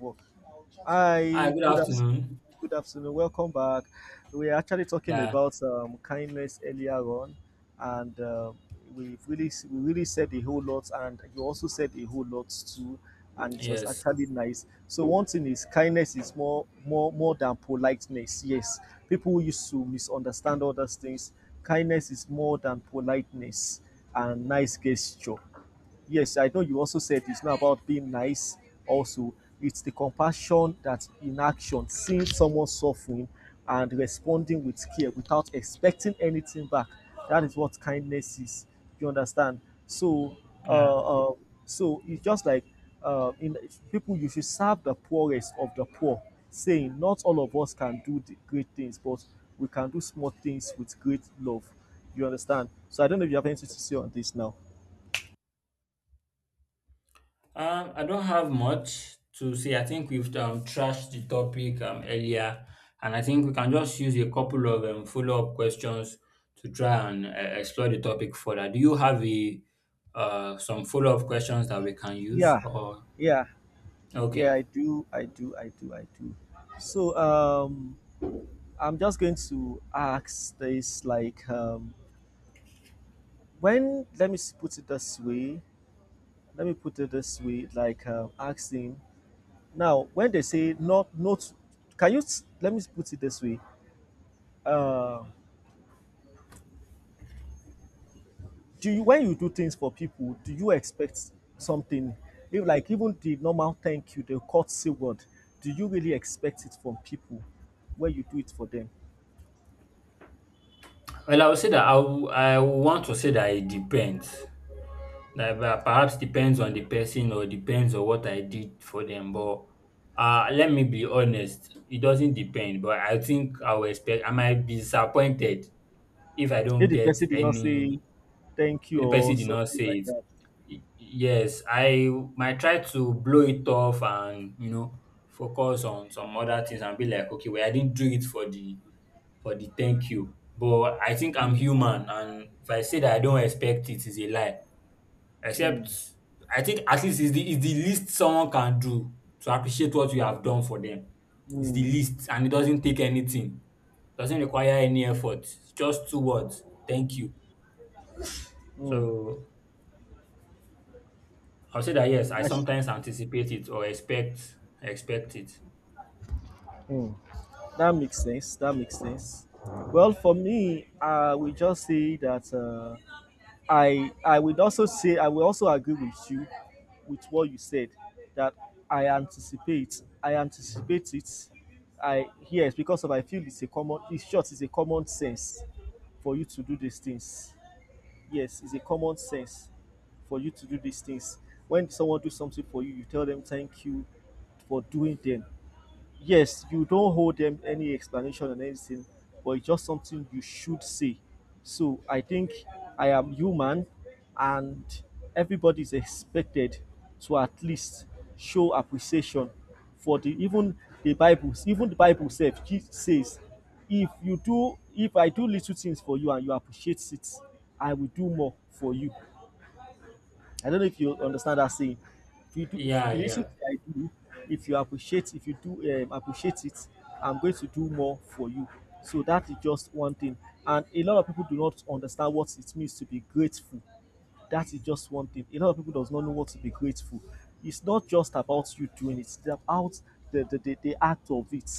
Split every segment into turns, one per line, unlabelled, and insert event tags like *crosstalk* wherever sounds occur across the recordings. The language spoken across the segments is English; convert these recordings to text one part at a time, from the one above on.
Work.
Hi,
Hi,
good
good afternoon.
afternoon.
Good afternoon. Welcome back. We are actually talking
Yeah,
about kindness earlier on, and we really said a whole lot, and you also said a whole lot too, and it was
yes.
actually nice. So one thing is kindness is more than politeness. Yes, people used to misunderstand all those things. Kindness is more than politeness and nice gesture, yes, I know you also said it's not about being nice, also, it's the compassion that in action, seeing someone suffering and responding with care without expecting anything back. That is what kindness is. You understand? So,
Yeah.
uh, uh, so it's just like in people, you should serve the poorest of the poor, saying, not all of us can do the great things, but we can do small things with great love. You understand? So, I don't know if you have anything to say on this now.
I don't have much to say. I think we've trashed the topic earlier, and I think we can just use a couple of follow-up questions to try and explore the topic further. Do you have a some follow-up questions that we can use
Yeah,
or
yeah, yeah,
okay.
I do. So I'm just going to ask this like when put it this way, let me put it this way, like asking now when they say not not let me put it this way. Uh do you, when you do things for people, do you expect something? If like even the normal thank you, the courtesy word, do you really expect it from people when you do it for them?
Well, I would say that I want to say that it depends. Like perhaps depends on the person or depends on what I did for them. But let me be honest, it doesn't depend. But I think I will expect I might be disappointed if I don't
If the
get
person did not
any.
say thank
If
you
the person
or
did not
something
say
like
it,
that.
Yes, I might try to blow it off, and you know, focus on some other things and be like, okay, well, I didn't do it for the thank you. But I think I'm
mm,
human, and if I say that I don't expect it, is a lie.
mm,
Except I think at least it's the least someone can do to appreciate what you have done for them. It's the
mm,
least, and it doesn't take anything. Doesn't require any effort. Just two words. Thank you.
mm,
So I'll say that yes, I
that, sh-
sometimes anticipate it or expect it.
mm, that makes sense. That makes sense. Well, for me, I will just say that I would also say I will also agree with you with what you said that I anticipate. I anticipate it. I yes, because of I feel it's a common. It's just it's a common sense for you to do these things. Yes, it's a common sense for you to do these things. When someone do something for you, you tell them thank you for doing them. Yes, you don't hold them any explanation and anything, but it's just something you should say. So I think I am human and everybody is expected to at least show appreciation for the even the Bible says says, if you do, if I do little things for you and you appreciate it, I will do more for you. I don't know if you understand that saying. If you do, if
Yeah,
you listen
yeah.
to what I do, if you appreciate, if you do appreciate it, I'm going to do more for you. So that is just one thing. And a lot of people do not understand what it means to be grateful. That is just one thing. A lot of people does not know what to be grateful. It's not just about you doing it. It's about the act of it.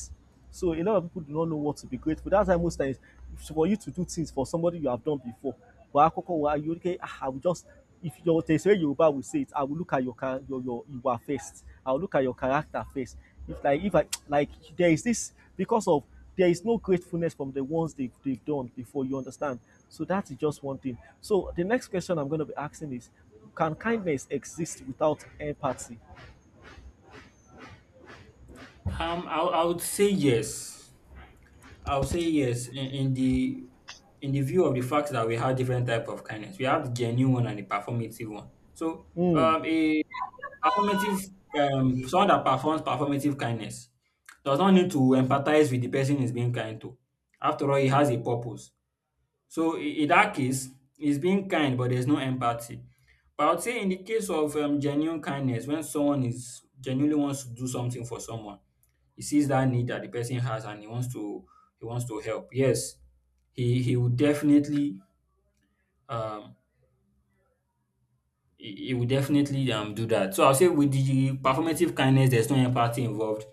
So a lot of people do not know what to be grateful. That's why most times for you to do things for somebody you have done before. But akoko wa you okay, ah, I will just if your there's a way Yoruba will say it, I will look at your your Iwa first. I will look at your character first. If like if I like there is this because of there is no gratefulness from the ones they've done before, you understand. So that is just one thing. So the next question I'm going to be asking is, can kindness exist without empathy?
I would say yes. I would say yes in the view of the fact that we have different type of kindness. We have the genuine one and the performative one. So
Hmm.
a Performative, someone that performs performative kindness does not need to empathize with the person he's being kind to. After all, he has a purpose. So in that case, he's being kind, but there's no empathy. But I would say in the case of genuine kindness, when someone is genuinely wants to do something for someone, he sees that need that the person has and he wants to help. Yes, he would definitely um It he will definitely do that. So I'll say with the performative kindness, there's no empathy involved,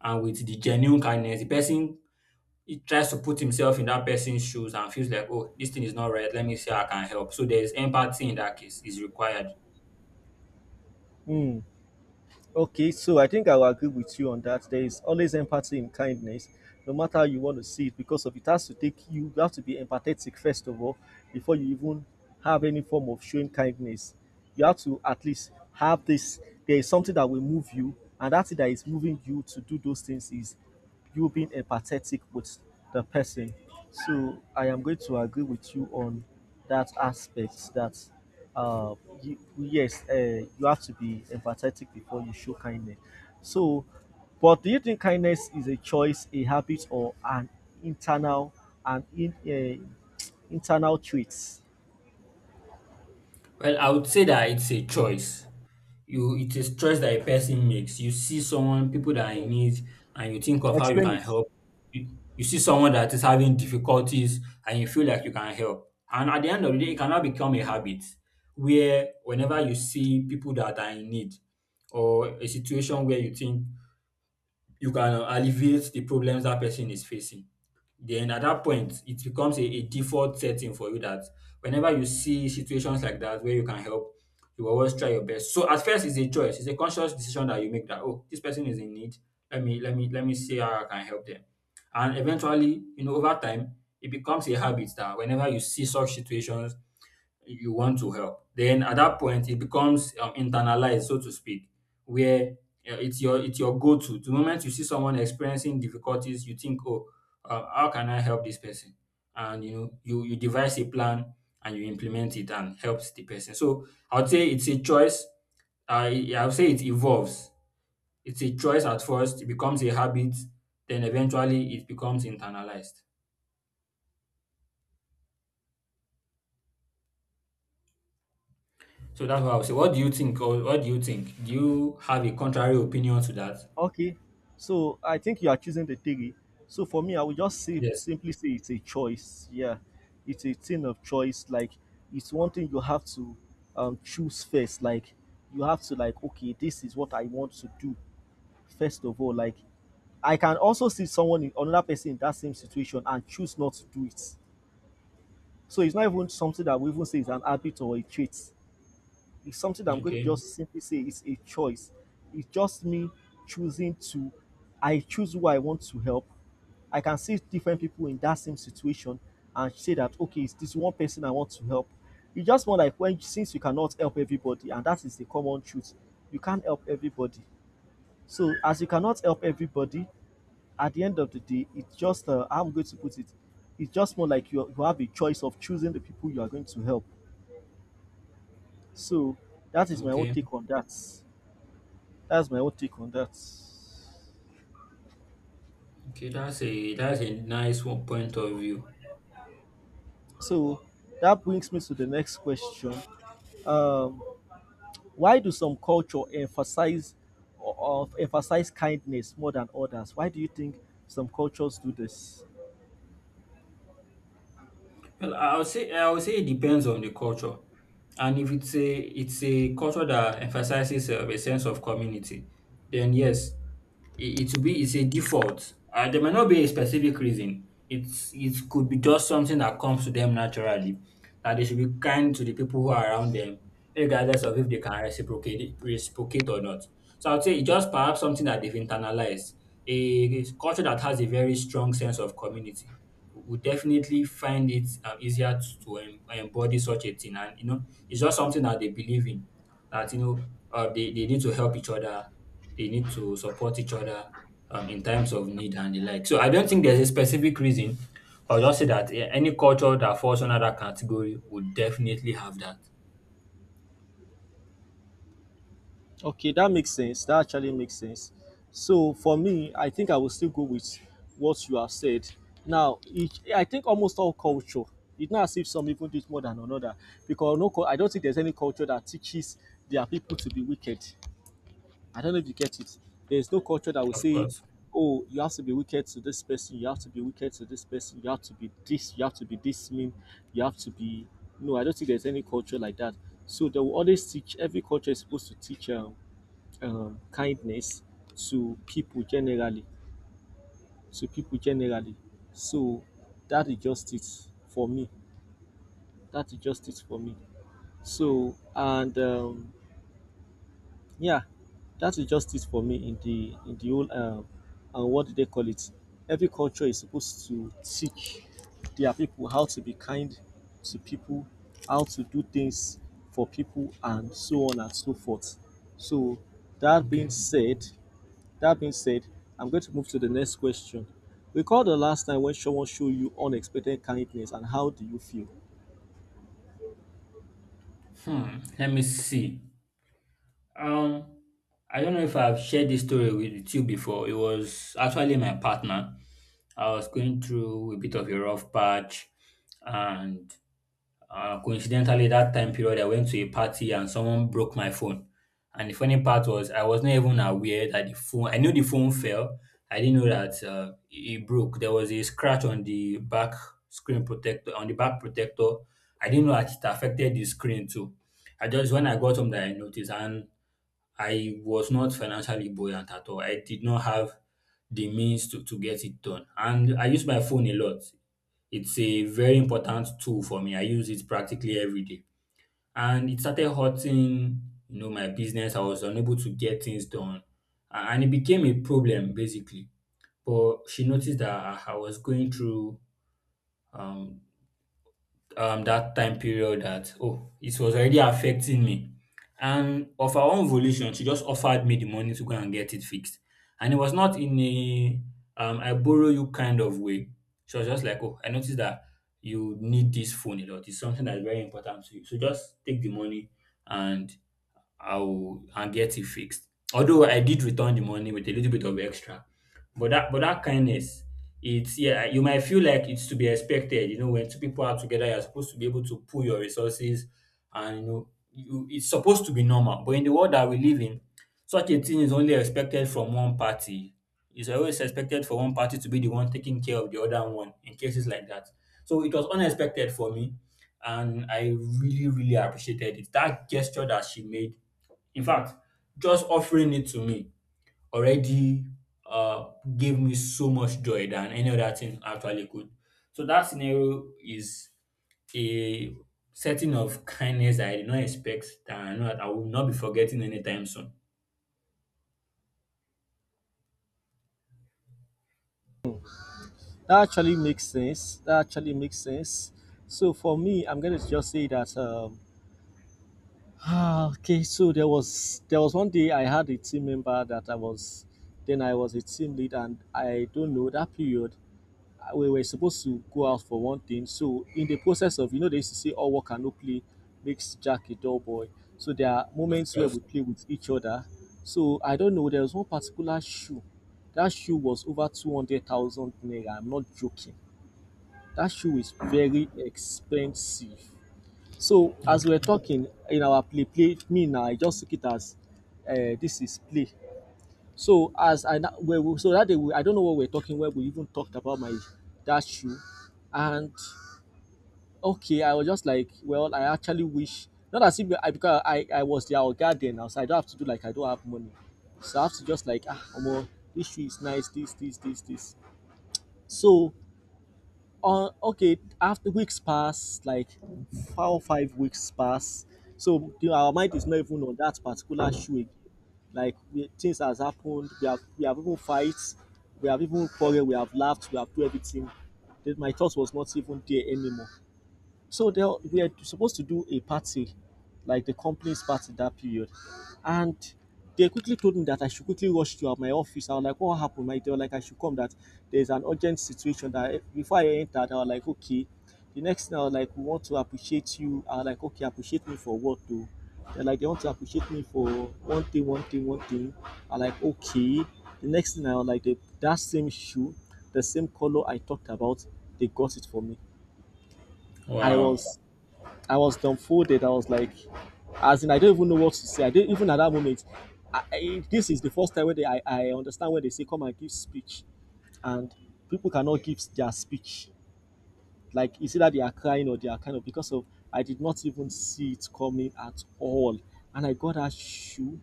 and with the genuine kindness, the person he tries to put himself in that person's shoes and feels like, oh, this thing is not right. Let me see how I can help. So there's empathy in that case is required.
Hmm. Okay, so I think I will agree with you on that. There is always empathy in kindness, no matter how you want to see it, because of it has to take you, you have to be empathetic first of all, before you even have any form of showing kindness. You have to at least have this. There is something that will move you, and that thing that is moving you to do those things is you being empathetic with the person. So I am going to agree with you on that aspect that uh, you, yes, you have to be empathetic before you show kindness. So, but do you think kindness is a choice, a habit, or an internal an in, uh, internal traits?
Well, I would say that it's a choice. You it is choice that a person makes. You see someone, people that are in
Mm.
need, and you think of how you
Explain
can
it.
help. You see someone that is having difficulties and you feel like you can help. And at the end of the day, it cannot become a habit where whenever you see people that are in need or a situation where you think you can alleviate the problems that person is facing, then at that point it becomes a default setting for you that whenever you see situations like that where you can help, you always try your best. So at first it's a choice, it's a conscious decision that you make that, oh, this person is in need, let me let me see how I can help them. And eventually, you know, over time it becomes a habit that whenever you see such situations you want to help. Then at that point, it becomes internalized, so to speak, where it's your go-to. The moment you see someone experiencing difficulties, you think, "Oh, how can I help this person?" And you know, you devise a plan and you implement it and helps the person. So I would say it's a choice. I would say it evolves. It's a choice at first. It becomes a habit. Then eventually, it becomes internalized. So that's what I would say. What do you think? Or what do you think? Do you have a contrary opinion to that?
Okay, so I think you are choosing the theory. So for me, I would just say
Yes.
simply say it's a choice. Yeah, it's a thing of choice. Like it's one thing you have to choose first. Like you have to like okay, this is what I want to do first of all. Like I can also see someone in another person in that same situation and choose not to do it. So it's not even something that we even say is an habit or a trait. It's something that I'm going to
Okay.
just simply say it's a choice. It's just me choosing to, I choose who I want to help. I can see different people in that same situation and say that, okay, it's this one person I want to help. You just want like when since you cannot help everybody, and that is the common truth, you can't help everybody. So as you cannot help everybody, at the end of the day, it's just I'm going to put it, it's just more like you have a choice of choosing the people you are going to help. So that is my own
Okay.
take on that. That's my own take on that.
Okay. That's a nice one point of view.
So that brings me to the next question. Um, why do some culture emphasize of emphasize kindness more than others? Why do you think some cultures do this?
Well, I would say it depends on the culture, and if it's a it's a culture that emphasizes a sense of community, then yes, it will be it's a default. There may not be a specific reason. It's it could be just something that comes to them naturally, that they should be kind to the people who are around them, regardless of if they can reciprocate or not. So I'd say it's just perhaps something that they've internalized, a culture that has a very strong sense of community would definitely find it easier to embody such a thing. And, you know, it's just something that they believe in that, you know, they need to help each other, they need to support each other in times of need and the like. So I don't think there's a specific reason. I'll just say that eh, any culture that falls under that category would definitely have that.
Okay, that makes sense. That actually makes sense. So for me, I think I will still go with what you have said. Now, it, I think almost all culture, it's not as if some even do it more than another, because no, I don't think there's any culture that teaches their people to be wicked. I don't know if you get it. There's no culture that will
Of
say,
course.
oh, you have to be wicked to this person, you have to be wicked to this person, you have to be this, you have to be this mean, you have to be. No, I don't think there's any culture like that. So they will always teach, every culture is supposed to teach kindness to people generally. To people generally. So that is just it for me. That is just it for me. So, and yeah, that is justice for me in the whole and what do they call it? Every culture is supposed to teach their people how to be kind to people, how to do things for people, and so on and so forth. So that
Okay.
being said, that being said, I'm going to move to the next question. Recall the last time when someone showed you unexpected kindness, and how do you feel?
Hmm. Let me see. Um, I don't know if I've shared this story with you before. It was actually my partner. I was going through a bit of a rough patch, and coincidentally, that time period, I went to a party and someone broke my phone. And the funny part was, I was not even aware that the phone. I knew the phone fell. I didn't know that it broke. There was a scratch on the back screen protector, on the back protector. I didn't know that it affected the screen too. I just when I got home that I noticed, and I was not financially buoyant at all. I did not have the means to get it done. And I use my phone a lot. It's a very important tool for me. I use it practically every day. And it started hurting, you know, my business. I was unable to get things done. And it became a problem basically. But she noticed that I was going through um that time period that, oh, it was already affecting me, and of her own volition she just offered me the money to go and get it fixed. And it was not in a, I borrow you, kind of way. She was just like, oh, I noticed that you need this phone a lot, it's something that's very important to you, so just take the money and I'll and get it fixed. Although I did return the money with a little bit of extra, but that kindness, it's yeah, you might feel like it's to be expected. You know, when two people are together, you're supposed to be able to pool your resources, and you know, you, it's supposed to be normal. But in the world that we live in, such a thing is only expected from one party. It's always expected for one party to be the one taking care of the other one in cases like that. So it was unexpected for me, and I really, really appreciated it. That gesture that she made in fact, just offering it to me already uh, gave me so much joy than any other thing actually could. So that scenario is a setting of kindness that I did not expect that I know that I will not be forgetting anytime soon.
That actually makes sense. That actually makes sense. So for me, I'm going to just say that. Ah, okay, so there was one day I had a team member that I was then I was a team lead and I don't know that period we were supposed to go out for one thing. So in the process of you know they used to say all work and no play makes Jack a dull boy. So there are
Of
moments where
course.
we play with each other. So I don't know there was one particular shoe. That shoe was over 200,000 naira. I'm not joking. That shoe is very expensive. So as we were
Okay.
talking in our play play me now I just took it as this is play. So as I na- we- so that day we, I don't know what we were talking when we even talked about my that shoe, and okay I was just like well I actually wish not as if I because I was their oga then now so I don't have to do like I don't have money, so I have to just like ah omo this shoe is nice this this this this. So on okay after weeks pass like 4 or 5 weeks pass so the, our mind is not even on that particular shoe again like we, things has happened we have even fight we have even quarrel we have laughed we have do everything then my thought was not even there anymore. So they are- we are supposed to do a party, like the company's party that period, and they quickly told me that I should quickly rush to my office. I was like, "What happened? Mate?" They were like, "I should come. That there's an urgent situation. That before I entered, I was like, "Okay." The next thing I was like, "We want to appreciate you." I was like, "Okay, appreciate me for what though?" They're like, "They want to appreciate me for one thing, one thing, one thing." I was like, "Okay." The next thing I was like, they, that same shoe, the same color I talked about, they got it for me. I
Wow.
was I was dumbfounded. I was like, as in, I don't even know what to say. I didn't even at that moment. This is the first time where they, I understand when they say come and give speech, and people cannot give their speech, like it's either they are crying or they are kind of because of I did not even see it coming at all. And I got that shoe.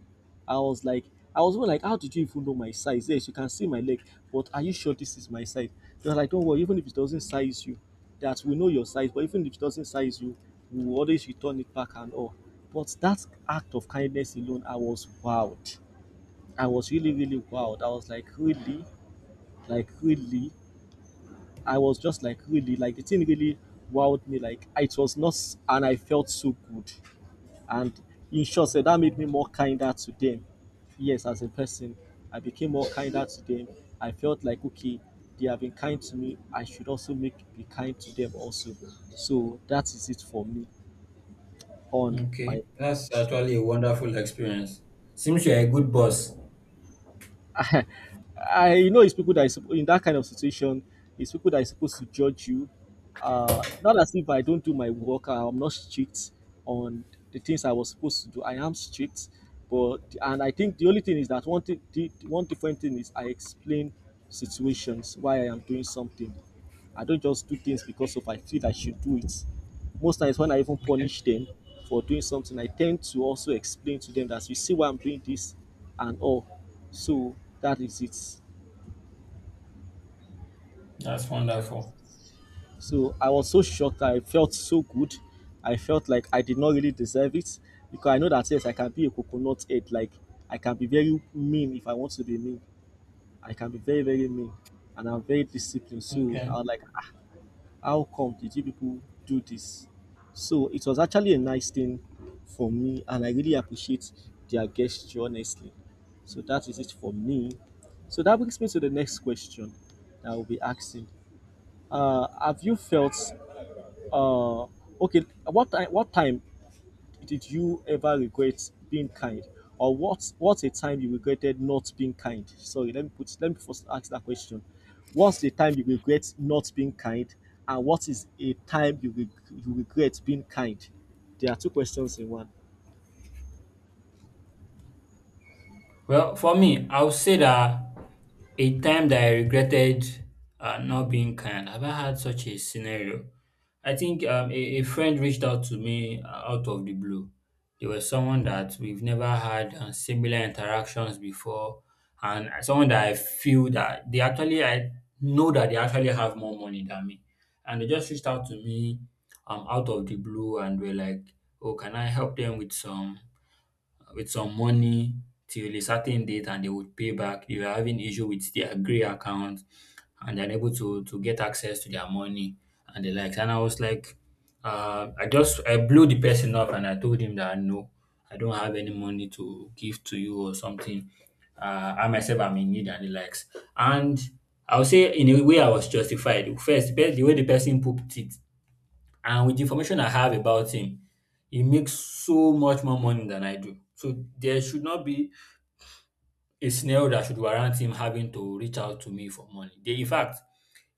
I was like, I was even like, how did you even know my size? Yes, you can see my leg, but are you sure this is my size? They were like, don't worry, even if it doesn't size you, that we know your size, but even if it doesn't size you, we will always return it back and all. But that act of kindness alone, I was wowed. I was really, really wowed. I was like, really, like really. I was just like really, like the thing really wowed me. Like it was not, and I felt so good. And in short, so that made me more kinder to them. Yes, as a person, I became more kinder to them. I felt like okay, they have been kind to me. I should also make be kind to them also. So that is it for me on
Okay.
my
That's actually a wonderful experience. Seems you're a good boss.
*laughs* I know it's people that is in that kind of situation. It's people that is supposed to judge you. Not as if I don't do my work. I'm not strict on the things I was supposed to do. I am strict, but and I think the only thing is that one thing, one different thing is I explain situations why I am doing something. I don't just do things because of I feel I should do it. Most times when I even
Okay.
punish them for doing something, I tend to also explain to them that you see why I'm doing this and all. So that is it.
That's wonderful.
So I was so shocked. I felt so good. I felt like I did not really deserve it because I know that yes, I can be a coconut head. Like I can be very mean if I want to be mean. I can be very very mean, and I'm very disciplined. So I
Okay.
was like, how come did you people do this? So it was actually a nice thing for me, and I really appreciate their gesture, honestly. So that is it for me. So that brings me to the next question that I will be asking. Have you felt uh, okay? What time? What time did you ever regret being kind? Or what's a time you regretted not being kind? Sorry, let me first ask that question. What's the time you regret not being kind? And what is a time you, you regret being kind? There are two questions in one.
Well, for me, I would say that a time that I regretted not being kind. Have I had such a scenario? I think a friend reached out to me out of the blue. They were someone that we've never had similar interactions before, and someone that I feel that they actually, I know that they actually have more money than me. And they just reached out to me out of the blue and were like, oh, can I help them with some? With some money till a certain date and they would pay back. They were having issue with their Grey account and they're unable to get access to their money and the likes. And I was like, I just I blew the person off and I told him that no, I don't have any money to give to you or something. I myself am in need and the likes. And I would say in a way I was justified. First, the way the person put it, and with the information I have about him, he makes so much more money than I do. So there should not be a scenario that should warrant him having to reach out to me for money. They, in fact,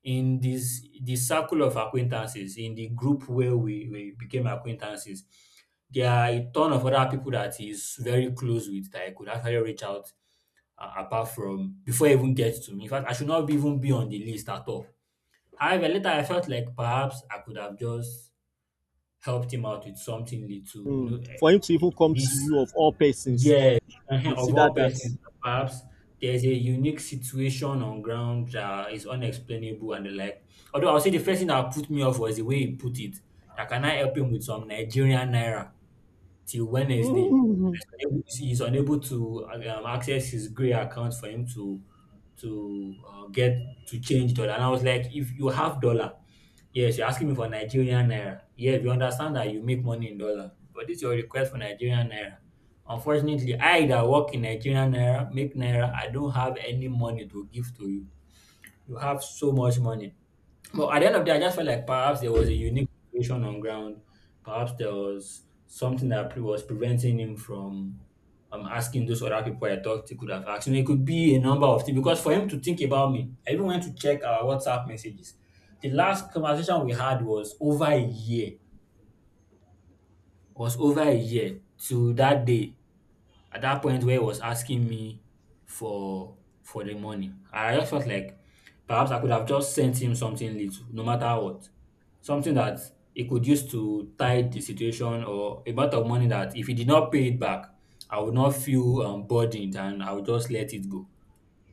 in this the circle of acquaintances, in the group where we became acquaintances, there are a ton of other people that he's very close with that I could actually reach out apart from before he even gets to me. In fact, I should not be- even be on the list at all. However, later I felt like perhaps I could have just helped him out with something little.
For him to even come to
This
you of all persons,
yes, of
consider
all
that.
persons, perhaps there's a unique situation on ground that is unexplainable and the like. Although I'll say the first thing that put me off was the way he put it. That can I help him with some Nigerian naira till Wednesday? He's unable to access his Gray account for him to get to change dollar. And I was like, if you have dollar, yes, you're asking me for Nigerian naira. Yeah, if you understand that you make money in dollar, but this is your request for Nigerian naira. Unfortunately, I that work in Nigerian naira, make naira, I don't have any money to give to you. You have so much money, but at the end of the day, I just felt like perhaps there was a unique situation on ground. Perhaps there was something that pre- was preventing him from asking those other people I thought he could have asked. You know, it could be a number of things, because for him to think about me, I even went to check our WhatsApp messages. The last conversation we had was over a year, was over a year to that day at that point where he was asking me for the money. I just felt like perhaps I could have just sent him something little, no matter what. Something that he could use to tide the situation, or a amount of money that if he did not pay it back, I would not feel burdened and I would just let it go.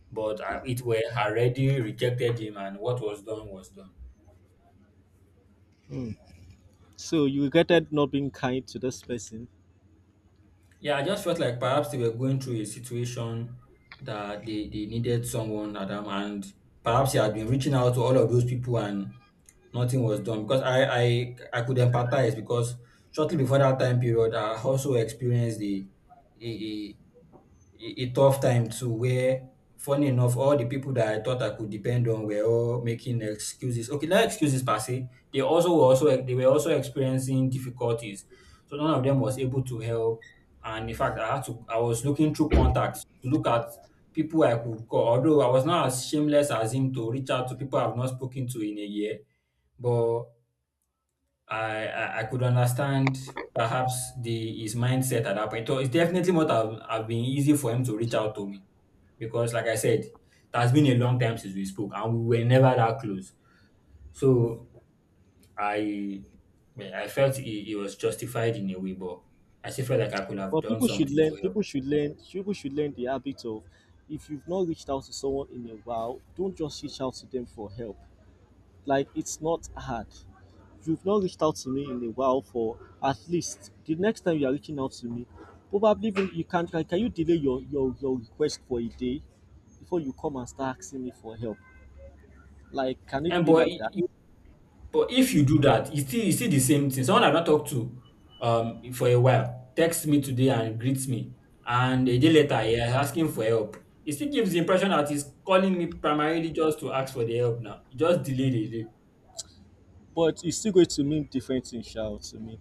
But it were already rejected him and what was done was done.
So you regretted not being kind to this person.
Yeah, I just felt like perhaps they were going through a situation that they needed someone, Adam, and perhaps he had been reaching out to all of those people and nothing was done. Because I could empathize, because shortly before that time period, I also experienced the a, a, a tough time too, where funny enough, all the people that I thought I could depend on were all making excuses. Okay, not excuses per se. They were also experiencing difficulties. So none of them was able to help, and in fact, I had to I was looking through contacts to look at people I could call. Although I was not as shameless as him to reach out to people I've not spoken to in a year, but I could understand perhaps the his mindset at that point. So it's definitely not have been easy for him to reach out to me because, like I said, it has been a long time since we spoke, and we were never that close. So I yeah, I felt he was justified in a way, but I still felt like I could have
But
done
people should
something
learn.
to help.
People should learn. People should learn the habit of, if you've not reached out to someone in a while, don't just reach out to them for help. Like it's not hard. If you've not reached out to me in a while, for at least the next time you are reaching out to me, probably even you can you delay your your request for a day before you come and start asking me for help. Like can it
And
be
but
like that?
I- But if you do that, it's still the same thing. Someone I've not talked to for a while texts me today and greets me, and a day later he is asking for help. It still gives the impression that he's calling me primarily just to ask for the help. Now, it just delay.
But it's still going to mean different things, sha, to me.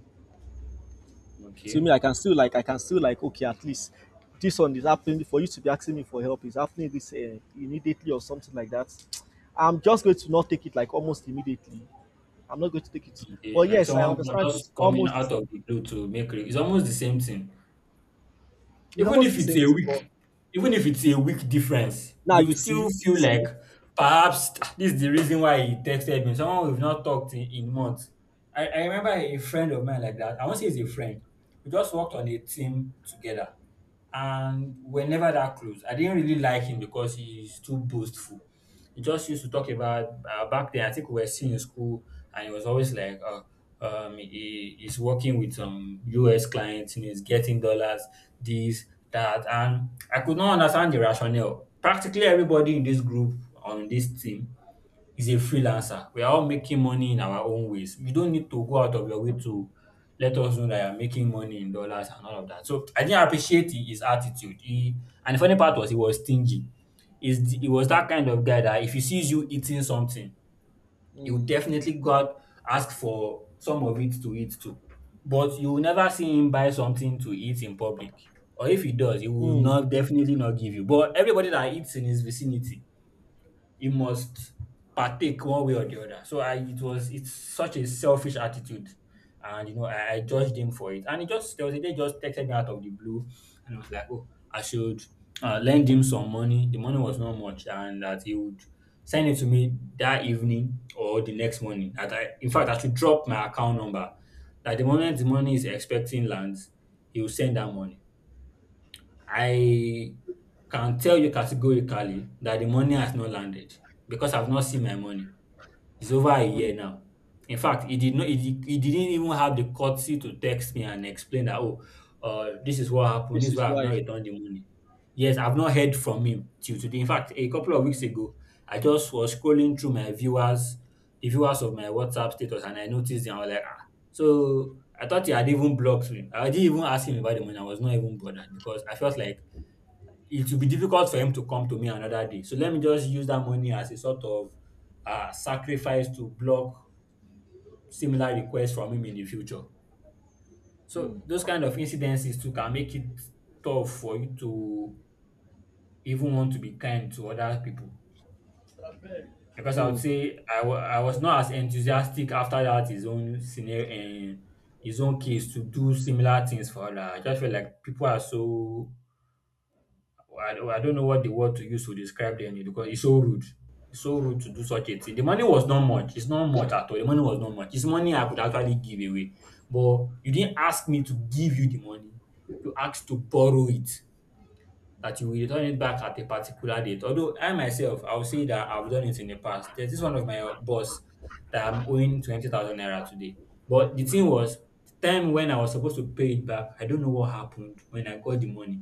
To
Okay.
me I can still like, I can still like okay, at least this one is happening, for you to be asking me for help is happening this, immediately or something like that. I'm just going to not take it like almost immediately. I'm not going to take it.
Eh,
Well,
like
yes, I
someone co-
understand
just
it's
coming
almost the
out of
same,
the blue to It's almost the same thing.
it's
Even
almost
if
the
it's
same
a
thing, but
week, difference,
now
you
you
still
see,
feel like perhaps *tsk* this is the reason why he texted me. Someone we've not talked in months. I remember a friend of mine like that. I won't say he's a friend. We just worked on a team together, and we're never that close. I didn't really like him because he's too boastful. He just used to talk about back then. I think we were still in school, and he was always like, he's working with some US clients and he's getting dollars, this, that. And I could not understand the rationale. Practically everybody in this group, on this team, is a freelancer. We are all making money in our own ways. You don't need to go out of your way to let us know that you're making money in dollars and all of that. So I didn't appreciate his attitude. He and the funny part was he was stingy. He was that kind of guy that if he sees you eating something, he will
mm,
definitely go out, ask for some of it to eat too. But you will never see him buy something to eat in public. Or if he does, he will
mm,
not definitely not give you. But everybody that eats in his vicinity, you must partake one way or the other. So I It was it's such a selfish attitude. And you know, I judged him for it. And he just there was a day he just texted me out of the blue, and I was like, oh, I should lend him some money. The money was not much, and that he would send it to me that evening or the next morning. That I in fact I should drop my account number. That the moment the money is expecting lands, he will send that money. I can tell you categorically that the money has not landed because I've not seen my money. It's over a year
mm.
now. In fact, he did not he, did- he didn't even have the courtesy to text me and explain that, oh, this is what happened, this
This
is
is
why I've not
why
returned the money. Yes, I've not heard from him till today. In fact, a couple of weeks ago, I just was scrolling through my viewers, the viewers of my WhatsApp status, and I noticed it and I was like, ah. So I thought he had even blocked me. I didn't even ask him about the money. I was not even bothered because I felt like it will be difficult for him to come to me another day. So let me just use that money as a sort of sacrifice to block similar requests from him in the future. So
mm,
those kind of incidences too can make it tough for you to even want to be kind to other people. Because I would
mm,
say I was not as enthusiastic after that his own scenario and his own case to do similar things for other. I just feel like people are so, I don't know what the word to use to describe them, because it's so rude. It's so rude to do such a thing. The money was not much. It's not much at all. The money was not much. It's money I could actually give away. But you didn't ask me to give you the money. You asked to borrow it, that you will return it back at a particular date. Although I myself, I'll say that I've done it in the past. There's this one of my boss that I'm owing 20,000 naira today. But the thing was, the time when I was supposed to pay it back, I don't know what happened when I got the money.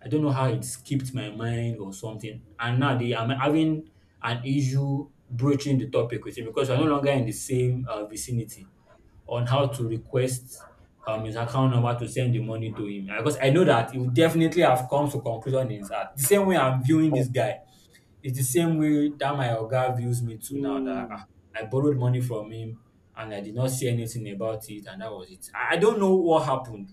I don't know how it skipped my mind or something. And now they I'm having an issue broaching the topic with him, because we're no longer in the same vicinity, on how to request his account number to send the money to him. Because I know that he would definitely have come to conclusion in his heart. The same way I'm viewing this
oh,
guy, it's the same way that my oga views me too now that, ah,
mm.
I borrowed money from him and I did not say anything about it, and that was it. I don't know what happened.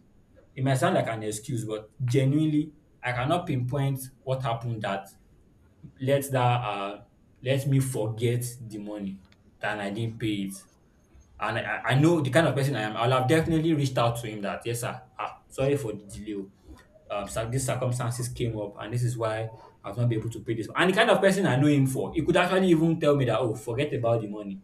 It might sound like an excuse, but genuinely, I cannot pinpoint what happened that let that uh, let me forget the money, that I didn't pay it. And I know the kind of person I am. I'll have definitely reached out to him that, yes, sir, ah, sorry for the delay. Oh. So these circumstances came up, and this is why I've not been able to pay this. And the kind of person I know him for, he could actually even tell me that, oh, forget about the money.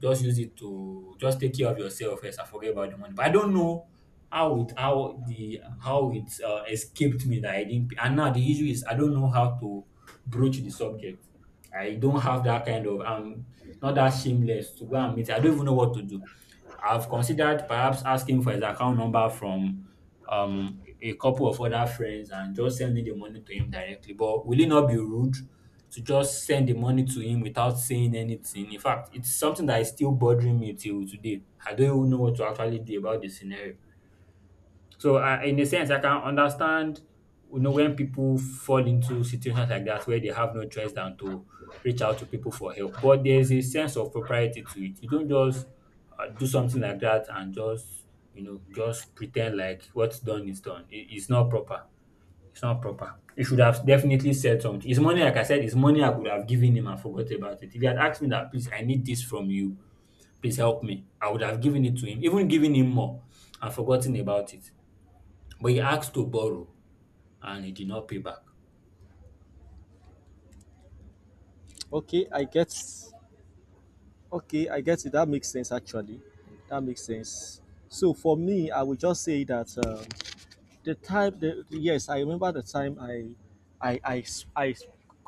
Just use it to just take care of yourself first and forget about the money. But I don't know how it escaped me that I didn't. And now the issue is I don't know how to broach the subject. I don't have that kind of, I'm not that shameless to go and meet. I don't even know what to do. I've considered perhaps asking for his account number from a couple of other friends and just sending the money to him directly. But will it not be rude to just send the money to him without saying anything? In fact, it's something that is still bothering me till today. I don't even know what to actually do about the scenario. So, in a sense, I can understand, you know, when people fall into situations like that where they have no choice than to reach out to people for help. But there's a sense of propriety to it. You don't just do something like that and just, you know, just pretend like what's done is done. It's not proper. It's not proper. He should have definitely said something. It's money, like I said, it's money I could have given him and forgot about it. If he had asked me that, please, I need this from you. Please help me. I would have given it to him, even giving him more and forgotten about it. But he asked to borrow and he did not pay back.
Okay, I get okay, I get it, that makes sense actually. That makes sense. So for me I would just say that, the time the, yes, I remember the time I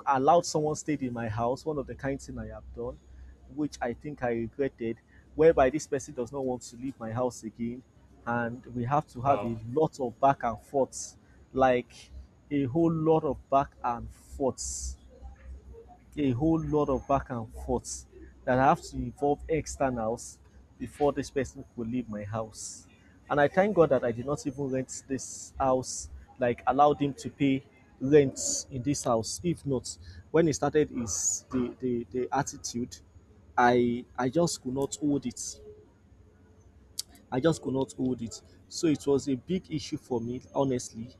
allowed someone stayed in my house, one of the kind thing I have done, which I think I regretted, whereby this person does not want to leave my house again and we have to have
Wow.
a lot of back and forth. Like a whole lot of back and forth, a whole lot of back and forth, that I have to involve externals before this person could leave my house. And I thank God that I did not even rent this house, like allowed him to pay rent in this house. If not, when he started his the attitude, I just could not hold it. I just could not hold it. So it was a big issue for me, honestly,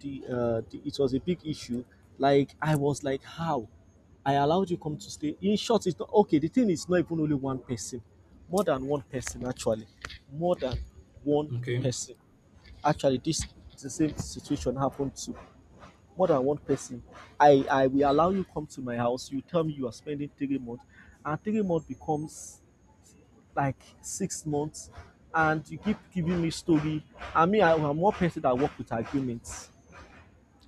the it was a big issue. Like I was like, how? I allowed you come to stay. In short, it's not okay. The thing is not even only one person, more than one person actually, more than one
Okay.
person. Actually, this the same situation happened to more than one person. I will allow you come to my house. You tell me you are spending 3 months, and 3 months becomes like 6 months, and you keep giving me story. I'm one person that work with arguments.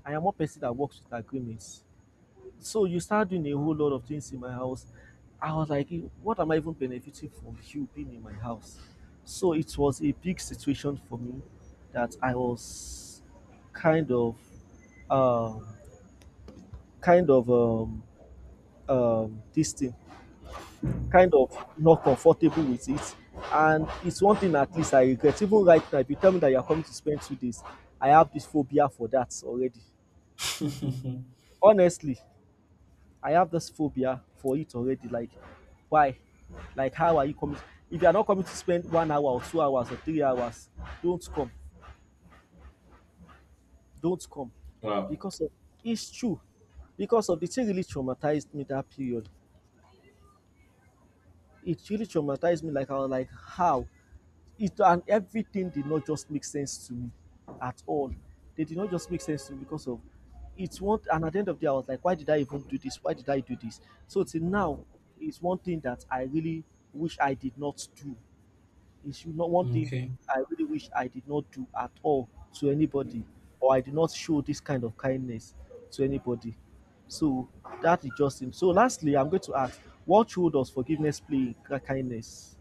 I am one person that works with agreements. So you start doing a whole lot of things in my house. I was like, "Eh, what am I even benefiting from you being in my house?" So it was a big situation for me that I was kind of, um, kind of, this thing, kind of not comfortable with it. And it's one thing at least I regret. Even right now, if you tell me that you're coming to spend 2 days, I have this phobia for that already.
*laughs*
Honestly, I have this phobia for it already. Like, why? Like, how are you coming? If you are not coming to spend 1 hour or 2 hours or 3 hours, don't come. Don't come.
Wow.
Because of, it's true. Because of the thing really traumatized me that period. It really traumatized me. Like, I was like, how? It and everything did not just make sense to me at all. They did not just make sense to me because of, it's one and at the end of the day I was like, why did I even do this? Why did I do this? So till now it's one thing that I really wish I did not do. It's not one thing
Okay.
I really wish I did not do at all to anybody, or I did not show this kind of kindness to anybody. So that is just him. So lastly I'm going to ask, what role does forgiveness play in kindness?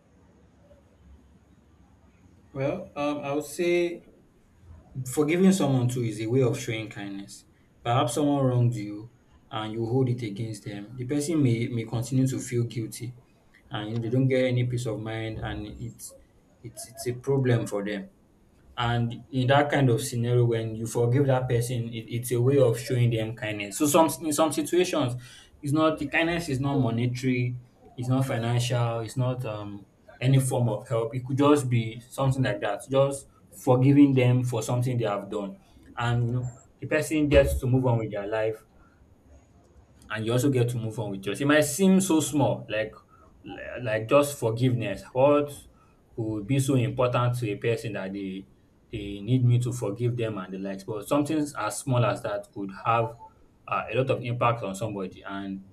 Well, I would say forgiving someone too is a way of showing kindness. Perhaps someone wronged you and you hold it against them. The person may continue to feel guilty, and you know, they don't get any peace of mind, and it's a problem for them. And in that kind of scenario, when you forgive that person, it's a way of showing them kindness. So some in some situations, it's not the kindness is not monetary, it's not financial, it's not any form of help. It could just be something like that. Just forgiving them for something they have done, and you know, the person gets to move on with their life, and you also get to move on with yours. It might seem so small, like like just forgiveness. What could be so important to a person that they need me to forgive them and the likes? But something as small as that could have a lot of impact on somebody. And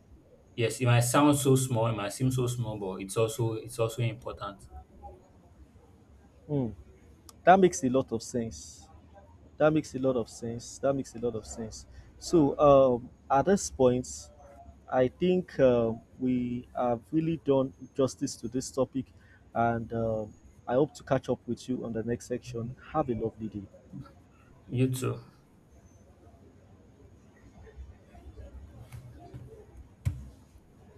yes, it might sound so small, it might seem so small, but it's also important.
Hmm, that makes a lot of sense. That makes a lot of sense. That makes a lot of sense. So, at this point, I think we have really done justice to this topic, and I hope to catch up with you on the next section. Have a lovely day.
You too.